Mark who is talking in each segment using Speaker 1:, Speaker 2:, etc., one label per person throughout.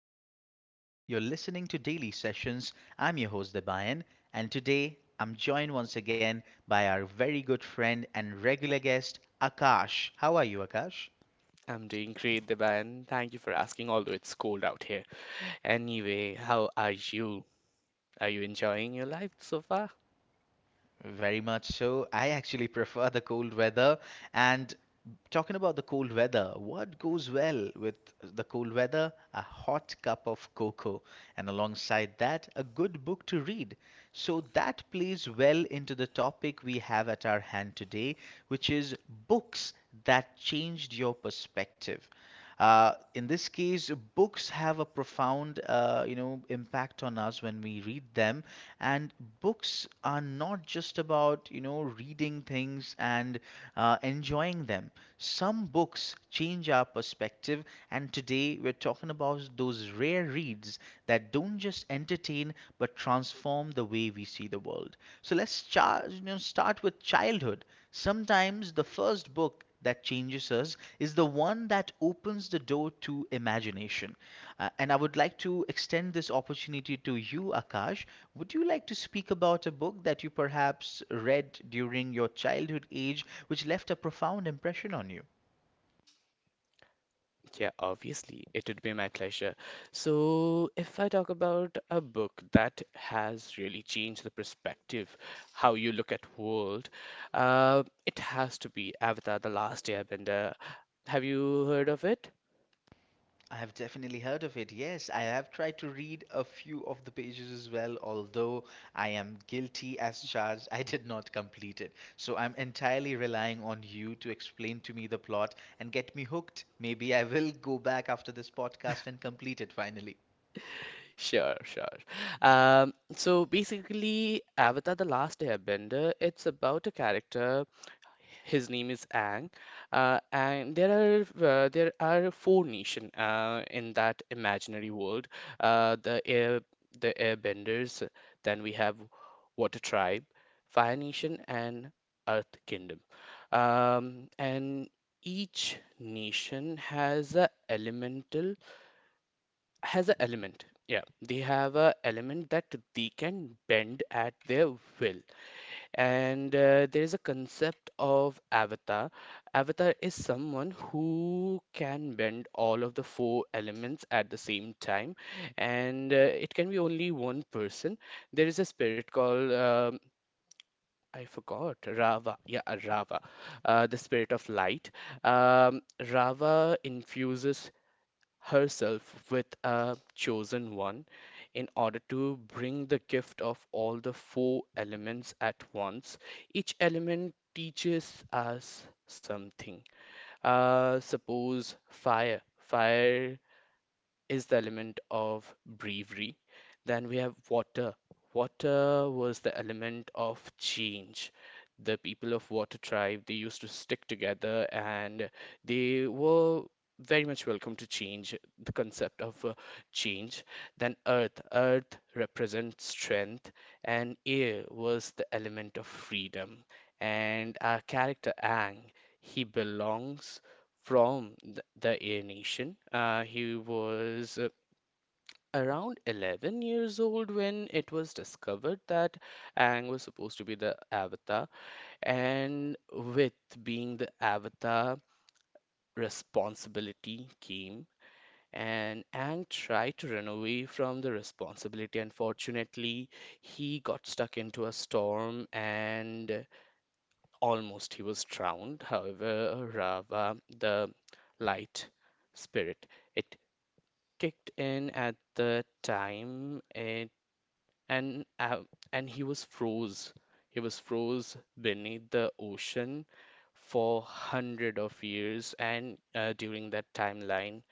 Speaker 1: Welcome once again. You're listening to Daily Sessions. I'm your host, Debayan, and today I'm joined once again by our very good friend and regular guest, Akash. How are you, Akash?
Speaker 2: I'm doing great, Deban. Thank you for asking, although it's cold out here. Anyway, how are you? Are you enjoying your life so far?
Speaker 1: Very much so. I actually prefer the cold weather. And talking about the cold weather, what goes well with the cold weather? A hot cup of cocoa, and alongside that, a good book to read. So that plays well into the topic we have at our hand today, which is books that changed your perspective. In this case, books have a profound, impact on us when we read them. And books are not just about, reading things and enjoying them. Some books change our perspective. And today, we're talking about those rare reads that don't just entertain but transform the way we see the world. So let's start with childhood. Sometimes the first book that changes us is the one that opens the door to imagination. And I would like to extend this opportunity to you, Akash. Would you like to speak about a book that you perhaps read during your childhood age, which left a profound impression on you?
Speaker 2: Yeah, obviously, it would be my pleasure. So, if I talk about a book that has really changed the perspective, how you look at world, it has to be Avatar: The Last Airbender. Have you heard of it?
Speaker 1: I have definitely heard of it. Yes, I have tried to read a few of the pages as well, although I am guilty as charged. I did not complete it. So I'm entirely relying on you to explain to me the plot and get me hooked. Maybe I will go back after this podcast and complete it finally.
Speaker 2: Sure, sure. So basically, Avatar: The Last Airbender, it's about a character. His name is Ang, and there are four nation in that imaginary world. The air the Airbenders. Then we have Water Tribe, Fire Nation, and Earth Kingdom. And each nation has a elemental has a element. Yeah, they have a element that they can bend at their will. And there is a concept of avatar. Avatar is someone who can bend all of the four elements at the same time, and it can be only one person. There is a spirit called I forgot Rava. Yeah, Rava, the spirit of light. Um, Rava infuses herself with a chosen one in order to bring the gift of all the four elements at once. Each element teaches us something. Suppose fire. Fire is the element of bravery. Then we have water. Water was the element of change. The people of Water tribe, they used to stick together and they were very much welcome to change, the concept of change. Then earth. Earth represents strength and air was the element of freedom. And our character Ang, he belongs from the Air Nation. He was around 11 years old when it was discovered that Aang was supposed to be the Avatar, and with being the Avatar, responsibility came. And Aang tried to run away from the responsibility. Unfortunately, he got stuck into a storm and almost he was drowned. However, Rava, the light spirit, it kicked in at the time it, and uh, and he was froze. He was froze beneath the ocean for hundred of years, and during that timeline,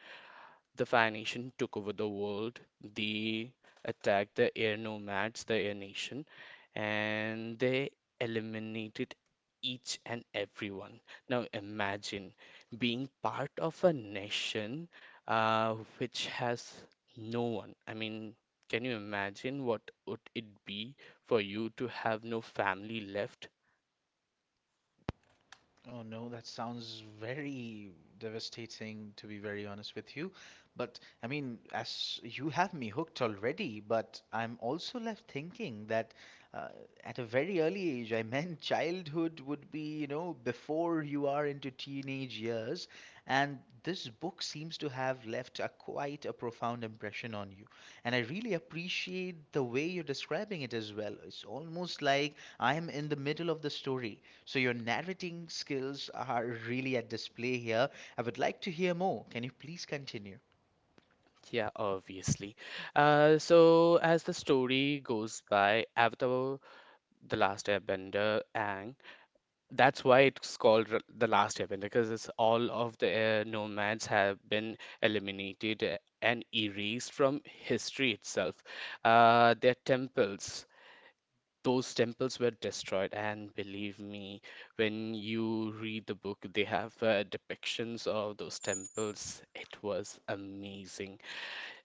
Speaker 2: the Fire Nation took over the world. They attacked the Air Nomads, the Air Nation, and they eliminated each and everyone. Now imagine being part of a nation which has no one. I mean, can you imagine what would it be for you to have no family left?
Speaker 1: Oh no, that sounds very devastating, to be very honest with you. But I mean, as you have me hooked already, but I'm also left thinking that uh, at a very early age, I meant childhood would be, you know, before you are into teenage years, and this book seems to have left a quite a profound impression on you. And I really appreciate the way you're describing it as well. It's almost like I'm in the middle of the story. So your narrating skills are really at display here. I would like to hear more. Can you please continue?
Speaker 2: Yeah, obviously. So as the story goes by, Avatar The Last Airbender, and that's why it's called The Last Airbender because it's all of the Air nomads have been eliminated and erased from history itself. Their temples, those temples were destroyed, and believe me, when you read the book, they have depictions of those temples. It was amazing.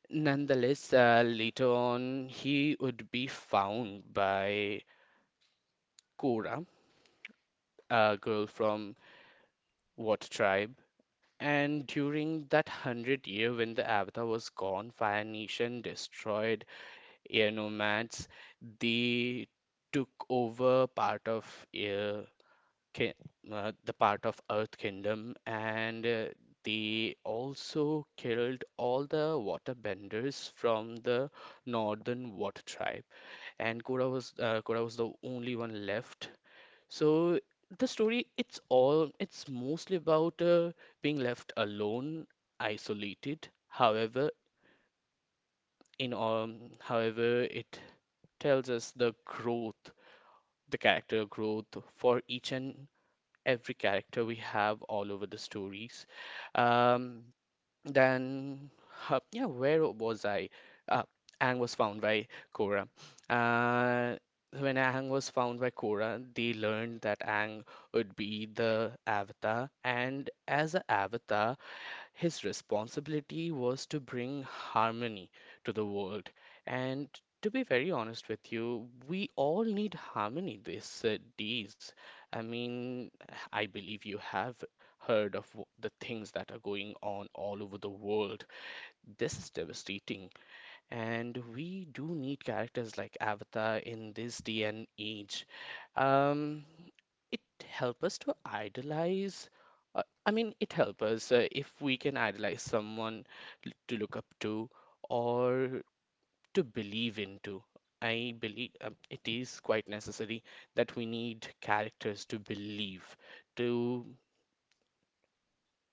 Speaker 2: Nonetheless, later on, he would be found by Korra, a girl from what tribe? And during that hundred-year when the Avatar was gone, Fire Nation destroyed air nomads. They took over part of air, ki- the part of Earth Kingdom, and they also killed all the water benders from the Northern Water Tribe. And Korra was the only one left, so the story, it's all, it's mostly about being left alone, isolated. However, in however, it tells us the growth, the character growth for each and every character we have all over the stories. Um, yeah, where was I? Uh, Aang was found by Korra. Uh, when Aang was found by Korra, they learned that Aang would be the Avatar, and as an Avatar, his responsibility was to bring harmony to the world. And to be very honest with you, we all need harmony these days. I mean, I believe you have heard of the things that are going on all over the world. This is devastating, and we do need characters like Avatar in this day and age. Um, it helps us to idolize. I mean, it helps us if we can idolize someone to look up to or to believe into. I believe it is quite necessary that we need characters to believe, to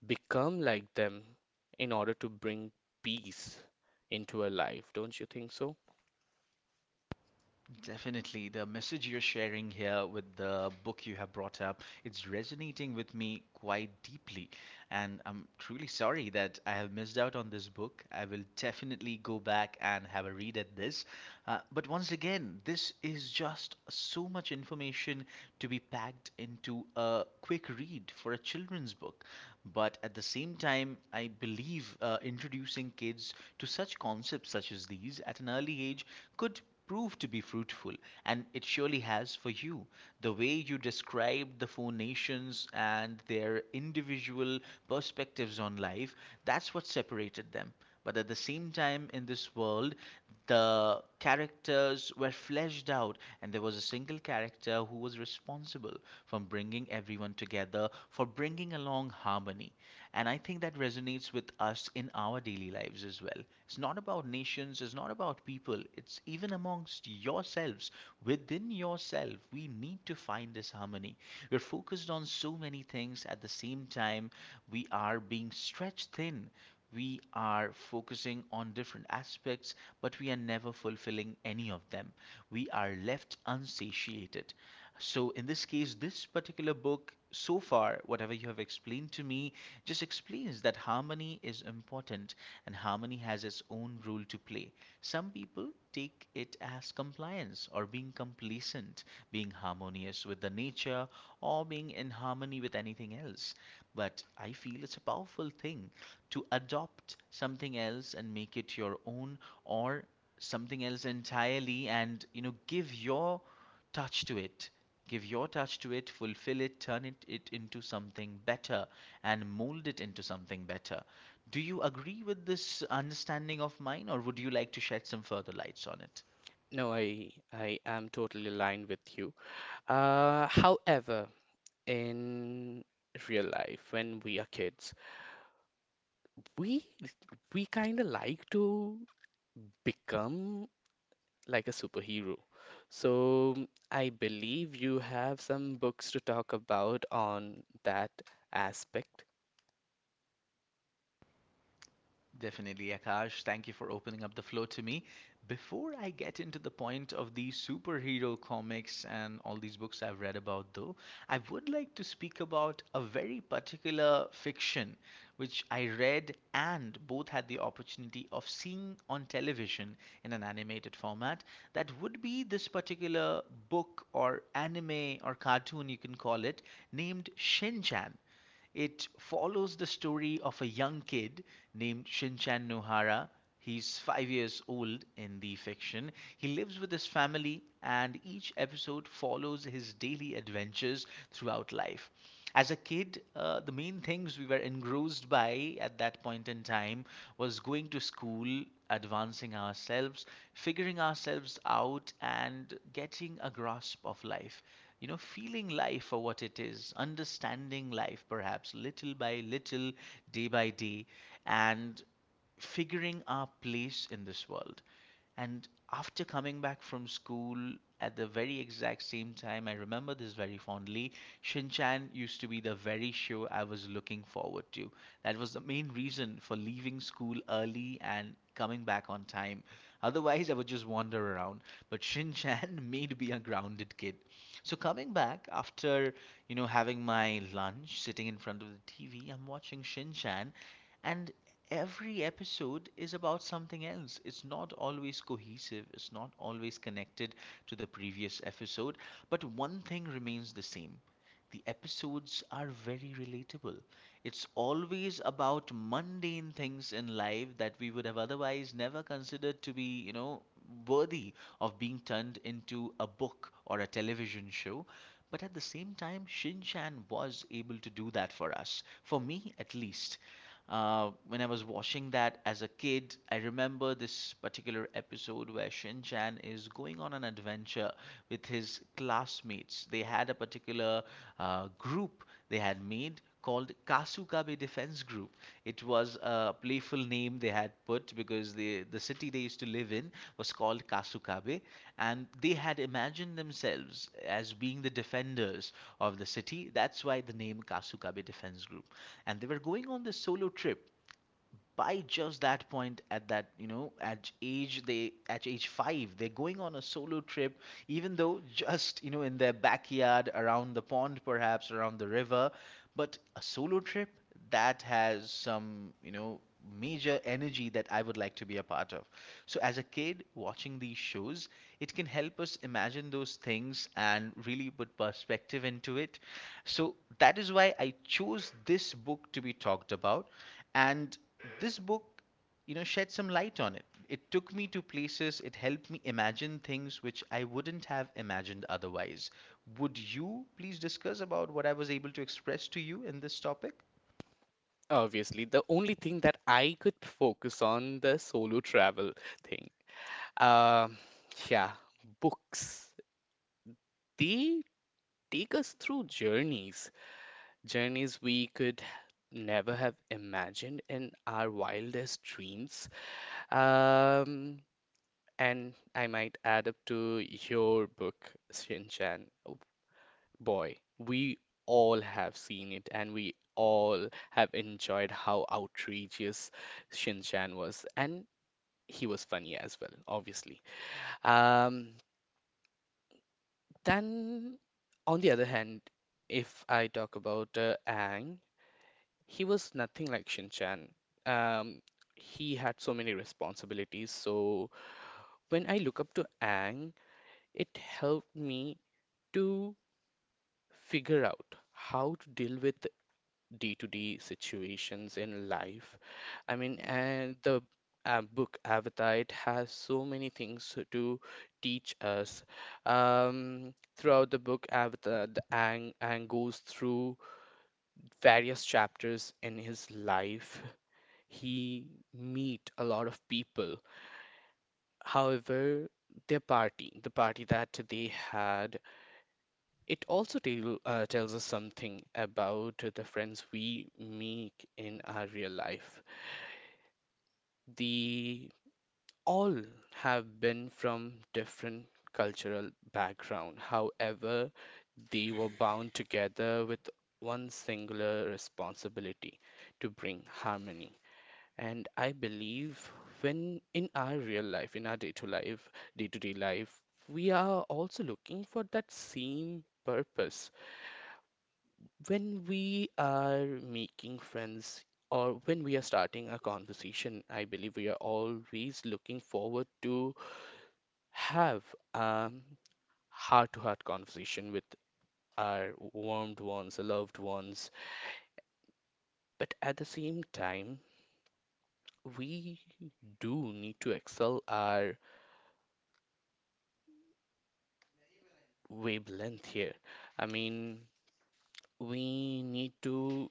Speaker 2: become like them in order to bring peace into our life. Don't you think so?
Speaker 1: Definitely. The message you're sharing here with the book you have brought up, it's resonating with me quite deeply. And I'm truly sorry that I have missed out on this book. I will definitely go back and have a read at this. But once again, this is just so much information to be packed into a quick read for a children's book. But at the same time, I believe introducing kids to such concepts such as these at an early age could prove to be fruitful, and it surely has for you. The way you described the four nations and their individual perspectives on life, that's what separated them. But at the same time, in this world, the characters were fleshed out, and there was a single character who was responsible for bringing everyone together, for bringing along harmony. And I think that resonates with us in our daily lives as well. It's not about nations, it's not about people, it's even amongst yourselves. Within yourself, we need to find this harmony. We're focused on so many things at the same time, we are being stretched thin. We are focusing on different aspects, but we are never fulfilling any of them. We are left unsatiated. So, in this case, this particular book, so far, whatever you have explained to me, just explains that harmony is important and harmony has its own role to play. Some people take it as compliance or being complacent, being harmonious with the nature or being in harmony with anything else. But I feel it's a powerful thing to adopt something else and make it your own or something else entirely and you know give your touch to it. Give your touch to it, fulfill it, turn it into something better, and mold it into something better. Do you agree with this understanding of mine, or would you like to shed some further lights on it?
Speaker 2: No, I am totally aligned with you. However, in real life, when we are kids, we we kind of like to become like a superhero. So I believe you have some books to talk about on that aspect.
Speaker 1: Definitely, Akash. Thank you for opening up the floor to me. Before I get into the point of these superhero comics and all these books I've read about, though, I would like to speak about a very particular fiction which I read and both had the opportunity of seeing on television in an animated format. That would be this particular book or anime or cartoon, you can call it, named Shinchan. It follows the story of a young kid named Shinchan Nohara. He's 5 years old in the fiction. He lives with his family, and each episode follows his daily adventures throughout life. As a kid, the main things we were engrossed by at that point in time was going to school, advancing ourselves, figuring ourselves out, and getting a grasp of life, feeling life for what it is, understanding life perhaps little by little, day by day, and figuring our place in this world. And after coming back from school at the very exact same time, I remember this very fondly. Shinchan used to be the very show I was looking forward to. That was the main reason for leaving school early and coming back on time. Otherwise, I would just wander around. But Shin made me a grounded kid. So coming back after, having my lunch, sitting in front of the TV, I'm watching Shin, and every episode is about something else. It's not always cohesive, it's not always connected to the previous episode, but one thing remains the same. The episodes are very relatable. It's always about mundane things in life that we would have otherwise never considered to be, worthy of being turned into a book or a television show. But at the same time, Shin Chan was able to do that for us, for me at least. When I was watching that as a kid, I remember this particular episode where Shin Chan is going on an adventure with his classmates. They had a particular group they had made called Kasukabe Defense Group. It was a playful name they had put because the city they used to live in was called Kasukabe, and they had imagined themselves as being the defenders of the city. That's why the name Kasukabe Defense Group. And they were going on this solo trip by just that point, at that you know at age they at age 5, they're going on a solo trip, even though just, you know, in their backyard, around the pond, perhaps around the river, but a solo trip that has some, you know, major energy that I would like to be a part of. So as a kid watching these shows, it can help us imagine those things and really put perspective into it. So that is why I chose this book to be talked about, and this book, you know, shed some light on it. It took me to places, it helped me imagine things which I wouldn't have imagined otherwise. Would you please discuss about what I was able to express to you in this topic?
Speaker 2: Obviously, the only thing that I could focus on the solo travel thing. Um, yeah, books. They take us through journeys, journeys we could never have imagined in our wildest dreams. Um, and I might add up to your book, Shinchan. Oh, boy, we all have seen it and we all have enjoyed how outrageous Shinchan was. And he was funny as well, obviously. Um, then, on the other hand, if I talk about Aang, he was nothing like Shin Chan. Um, he had so many responsibilities. So, when I look up to Aang, it helped me to figure out how to deal with day-to-day situations in life. I mean, and the book Avatar, it has so many things to teach us. Throughout the book, Avatar, Aang goes through various chapters in his life. He meet a lot of people. However, their party, the party that they had, it also tells us something about the friends we make in our real life. The all have been from different cultural background. However, they were bound together with one singular responsibility to bring harmony. And I believe when in our real life, in our day-to-day life, we are also looking for that same purpose when we are making friends or when we are starting a conversation, I believe we are always looking forward to have a heart-to-heart conversation with our warmed ones, our loved ones. But at the same time, we do need to excel our wavelength here. I mean, we need to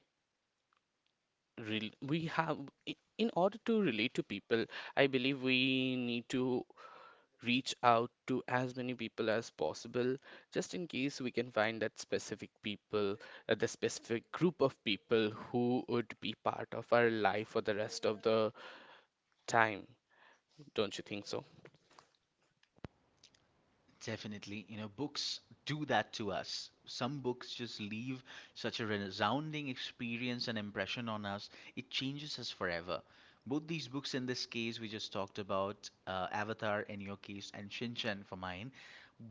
Speaker 2: rel we have I- in order to relate to people, I believe we need to reach out to as many people as possible just in case we can find that specific people, the specific group of people who would be part of our life for the rest of the time. Don't you think so?
Speaker 1: Definitely, you know, books do that to us. Some books just leave such a resounding experience and impression on us, it changes us forever. Both these books, in this case, we just talked about Avatar in your case and Shinchan for mine,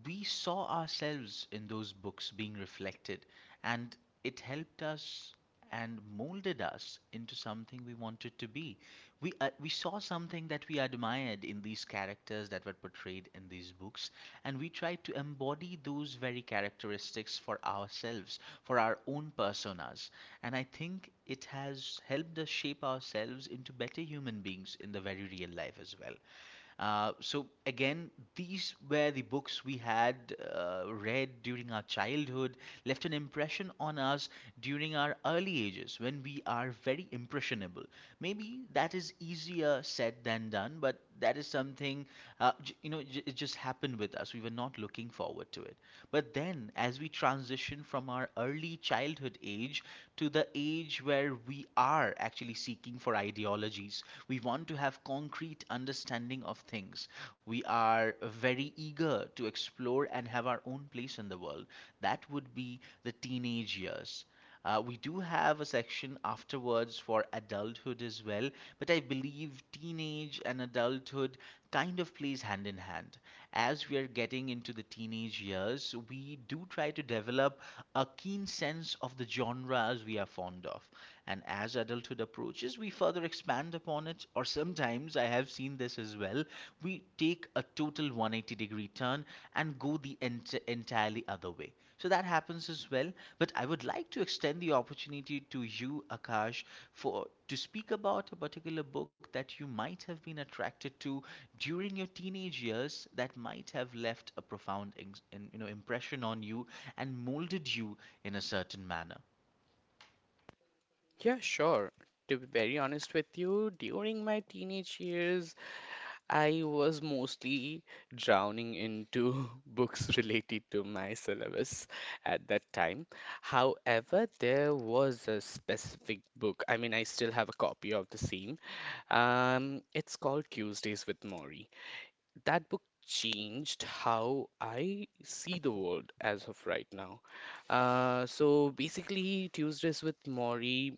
Speaker 1: we saw ourselves in those books being reflected, and it helped us and molded us into something we wanted to be. We saw something that we admired in these characters that were portrayed in these books, and we try to embody those very characteristics for ourselves, for our own personas. And I think it has helped us shape ourselves into better human beings in the very real life as well. So again, these were the books we had read during our childhood, left an impression on us during our early ages when we are very impressionable. Maybe that is easier said than done, but that is something something, j- you know, j- it just happened with us. We were not looking forward to it. But then, as we transition from our early childhood age to the age where we are actually seeking for ideologies, we want to have concrete understanding of things. We are very eager to explore and have our own place in the world. That would be the teenage years. We do have a section afterwards for adulthood as well, but I believe teenage and adulthood kind of plays hand in hand. As we are getting into the teenage years, we do try to develop a keen sense of the genres we are fond of. And as adulthood approaches, we further expand upon it, or sometimes I have seen this as well, we take a total 180-degree turn and go the entirely other way. So that happens as well. But I would like to extend the opportunity to you, Akash, for to speak about a particular book that you might have been attracted to during your teenage years that might have left a profound impression on you and molded you in a certain manner.
Speaker 2: Yeah, sure. To be very honest with you, during my teenage years, I was mostly drowning into books related to my syllabus at that time. However, there was a specific book. I mean, I still have a copy of the same. It's called Tuesdays with Maury. That book changed how I see the world as of right now. So basically, Tuesdays with Maury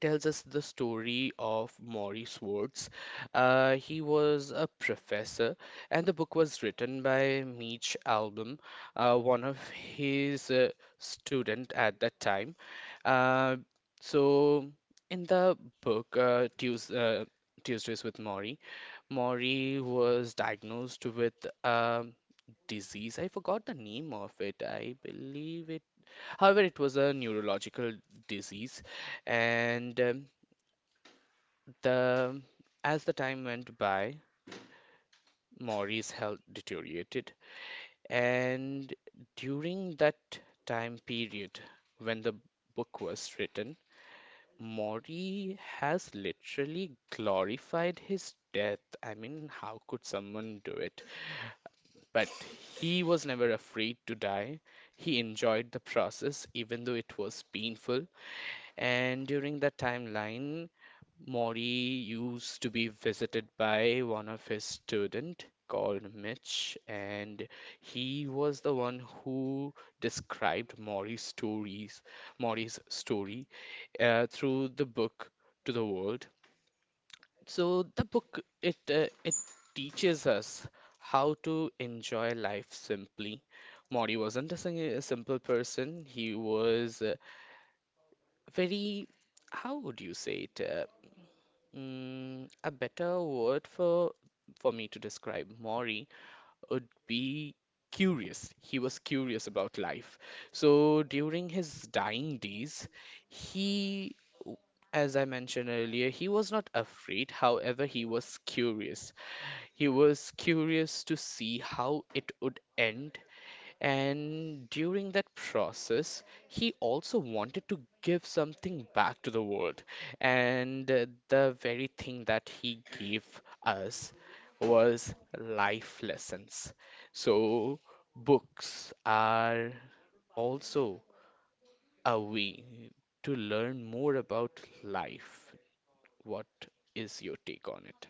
Speaker 2: tells us the story of Maury Swartz. He was a professor, and the book was written by Mitch Albom, one of his student at that time. Uh, so in the book, Tuesdays with Maury, Maury was diagnosed with disease. I forgot the name of it. I believe it. However, it was a neurological disease, and the as the time went by, Maury's health deteriorated, and during that time period when the book was written, Mori has literally glorified his death. I mean, how could someone do it? But he was never afraid to die. He enjoyed the process, even though it was painful. And during that timeline, Mori used to be visited by one of his student called Mitch, and he was the one who described Mori's stories, Mori's story through the book to the world. So the book it teaches us how to enjoy life simply. Mori wasn't a a simple person. He was very, how would you say it? A better word for me to describe Maury would be curious. He was curious about life. So during his dying days, he as I mentioned earlier, he was not afraid, however, he was curious. He was curious to see how it would end, and during that process, he also wanted to give something back to the world. And the very thing that he gave us was life lessons. So, books are also away to learn more about life. What is your take on it?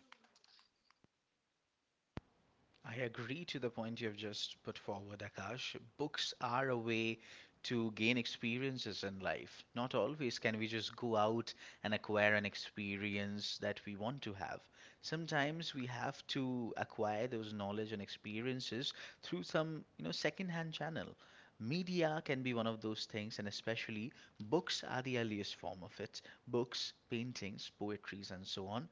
Speaker 1: I agree to the point you have just put forward, Akash. Books are a way to gain experiences in life. Not always can we just go out and acquire an experience that we want to have. Sometimes we have to acquire those knowledge and experiences through some, you know, second-hand channel. Media can be one of those things, and especially books are the earliest form of it. Books, paintings, poetries, and so on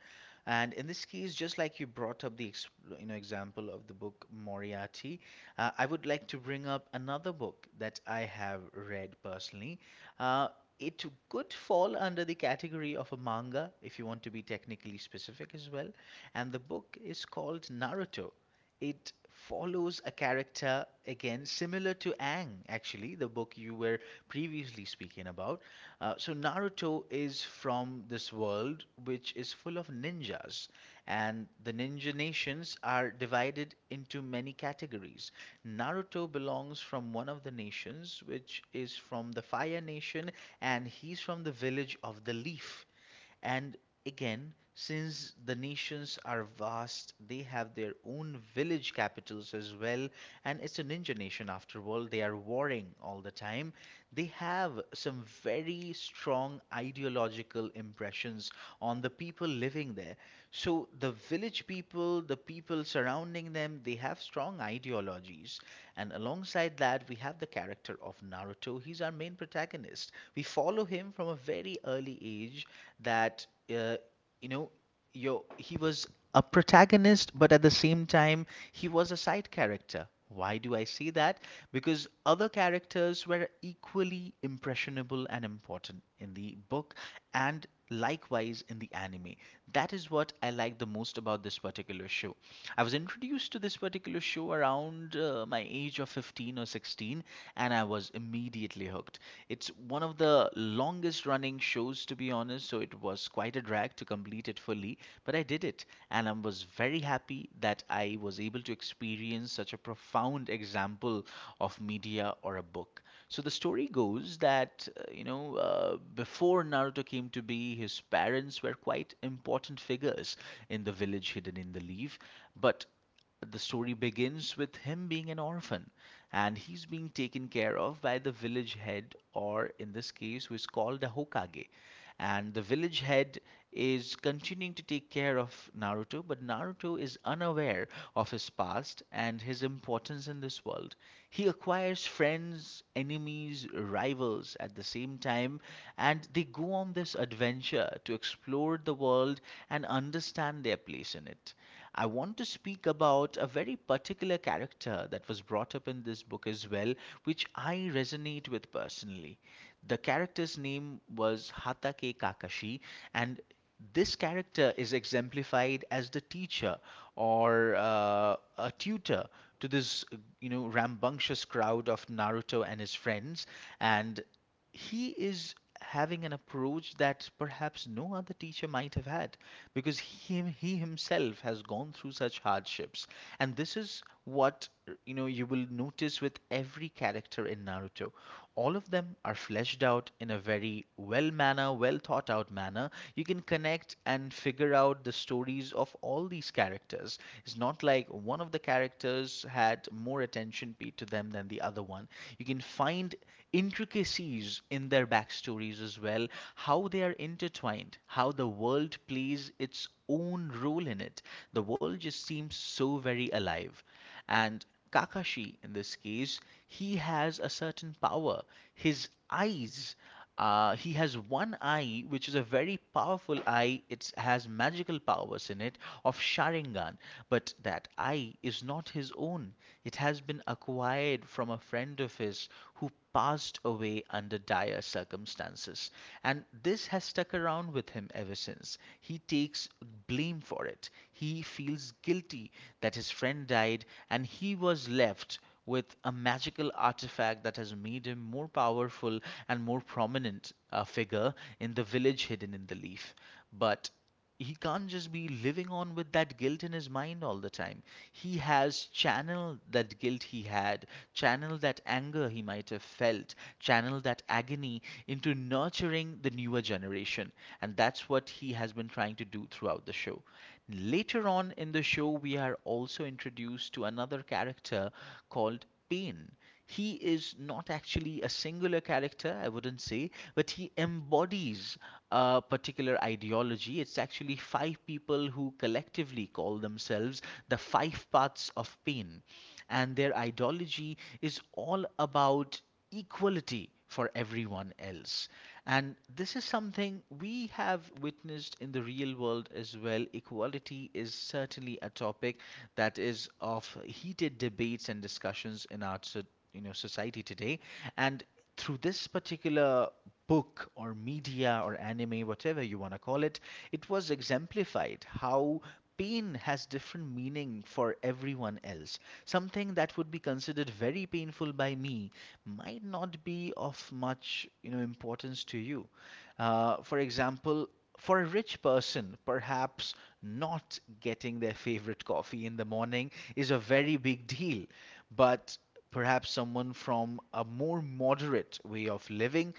Speaker 1: and in this case, just like you brought up the, you know, example of the book Moriarty. I would like to bring up another book that I have read personally. Uh, it could fall under the category of a manga if you want to be technically specific as well. And the book is called Naruto. It follows a character again similar to Ang, actually the book you were previously speaking about. So Naruto is from this world which is full of ninjas, and the ninja nations are divided into many categories. Naruto belongs from one of the nations, which is from the Fire Nation, and he's from the village of the Leaf. And again, since the nations are vast, they have their own village capitals as well. And it's a ninja nation after all, they are warring all the time. They have some very strong ideological impressions on the people living there. So the village people, the people surrounding them, they have strong ideologies. And alongside that, we have the character of Naruto. He's our main protagonist. We follow him from a very early age that, you know, he was a protagonist, but at the same time, he was a side character. Why do I say that? Because other characters were equally impressionable and important in the book, and likewise in the anime. That is what I like the most about this particular show. I was introduced to this particular show around my age of 15 or 16, and I was immediately hooked. It's one of the longest running shows, to be honest, so it was quite a drag to complete it fully, but I did it, and I was very happy that I was able to experience such a profound example of media or a book. So the story goes that, before Naruto came to be, his parents were quite important figures in the village hidden in the leaf. But the story begins with him being an orphan, and he's being taken care of by the village head, or in this case, who is called a Hokage. And the village head is continuing to take care of Naruto, but Naruto is unaware of his past and his importance in this world. He acquires friends, enemies, rivals at the same time, and they go on this adventure to explore the world and understand their place in it. I want to speak about a very particular character that was brought up in this book as well, which I resonate with personally. The character's name was Hatake Kakashi, and this character is exemplified as the teacher or a tutor to this, you know, rambunctious crowd of Naruto and his friends, and he is having an approach that perhaps no other teacher might have had because he himself has gone through such hardships, and this is what, you know, you will notice with every character in naruto. All of them are fleshed out in a very well manner, well thought out manner. You can connect and figure out the stories of all these characters. It's not like one of the characters had more attention paid to them than the other one. You can find intricacies in their backstories as well, how they are intertwined, how the world plays its own role in it. The world just seems so very alive. And Kakashi, in this case, he has a certain power. His eyes, he has one eye, which is a very powerful eye. It has magical powers in it of Sharingan, but that eye is not his own. It has been acquired from a friend of his who passed away under dire circumstances. And this has stuck around with him ever since. He takes blame for it. He feels guilty that his friend died and he was left with a magical artifact that has made him more powerful and more prominent a figure in the village hidden in the leaf. But he can't just be living on with that guilt in his mind all the time. He has channeled that guilt he had, channeled that anger he might have felt, channeled that agony into nurturing the newer generation. And that's what he has been trying to do throughout the show. Later on in the show, we are also introduced to another character called Pain. He is not actually a singular character, I wouldn't say, but he embodies a particular ideology. It's actually five people who collectively call themselves the five paths of pain, and their ideology is all about equality for everyone else. And this is something we have witnessed in the real world as well. Equality is certainly a topic that is of heated debates and discussions in our society today. And through this particular book or media or anime, whatever you want to call it, it was exemplified how pain has different meaning for everyone else. Something that would be considered very painful by me might not be of much, you know, importance to you. For example, for a rich person, perhaps not getting their favorite coffee in the morning is a very big deal. But perhaps someone from a more moderate way of living,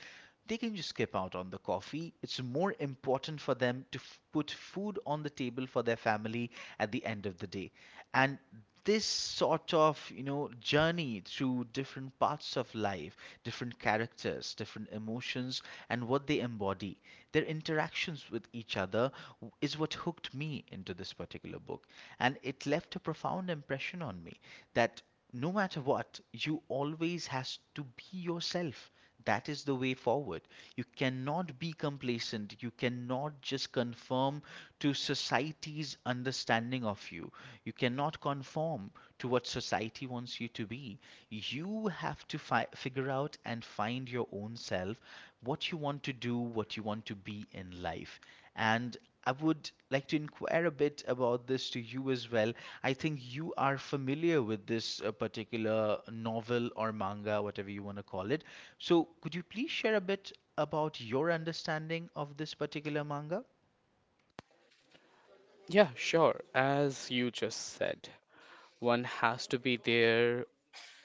Speaker 1: they can just skip out on the coffee. It's more important for them to put food on the table for their family at the end of the day. And this sort of, you know, journey through different parts of life, different characters, different emotions, and what they embody, their interactions with each other is what hooked me into this particular book. And it left a profound impression on me that no matter what, you always has to be yourself. That is the way forward. You cannot be complacent. You cannot just conform to society's understanding of you. You cannot conform to what society wants you to be. You have to figure out and find your own self, what you want to do, what you want to be in life. And I would like to inquire a bit about this to you as well. I think you are familiar with this particular novel or manga, whatever you want to call it. So, could you please share a bit about your understanding of this particular manga?
Speaker 2: Yeah, sure. As you just said, one has to be their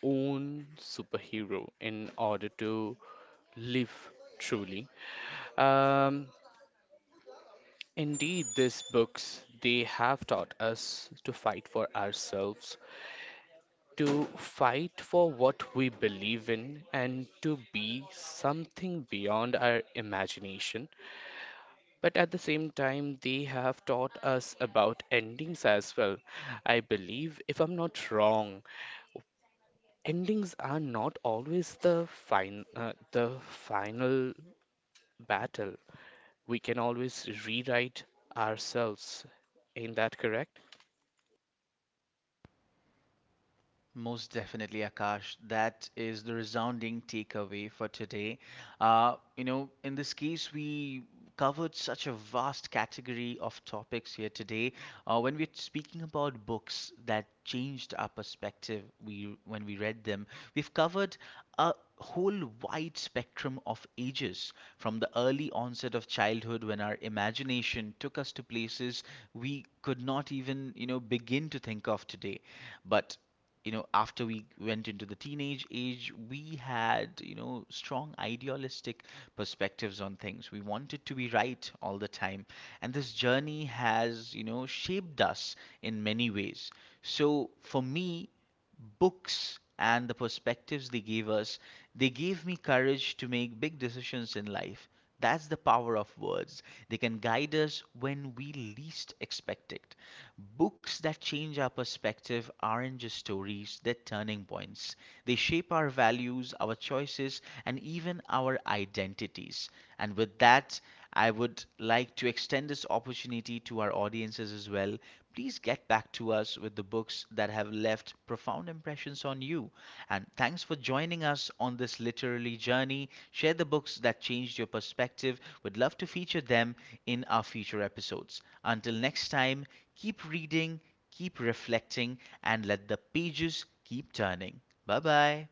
Speaker 2: own superhero in order to live truly. Um, indeed, these books they have taught us to fight for ourselves, to fight for what we believe in, and to be something beyond our imagination. But at the same time, they have taught us about endings as well. I believe, if I'm not wrong, endings are not always the the final battle. We can always rewrite ourselves. Ain't that correct?
Speaker 1: Most definitely, Akash. That is the resounding takeaway for today. In this case, we covered such a vast category of topics here today. When we're speaking about books that changed our perspective, we when we read them, we've covered a whole wide spectrum of ages, from the early onset of childhood when our imagination took us to places we could not even, you know, begin to think of today. But, you know, after we went into the teenage age, we had, you know, strong idealistic perspectives on things. We wanted to be right all the time, and this journey has, you know, shaped us in many ways. So for me, books and the perspectives they gave us, they gave me courage to make big decisions in life. That's the power of words. They can guide us when we least expect it. Books that change our perspective aren't just stories, they're turning points. They shape our values, our choices, and even our identities. And with that, I would like to extend this opportunity to our audiences as well. Please get back to us with the books that have left profound impressions on you. And thanks for joining us on this literary journey. Share the books that changed your perspective. We'd love to feature them in our future episodes. Until next time, keep reading, keep reflecting, and let the pages keep turning. Bye bye.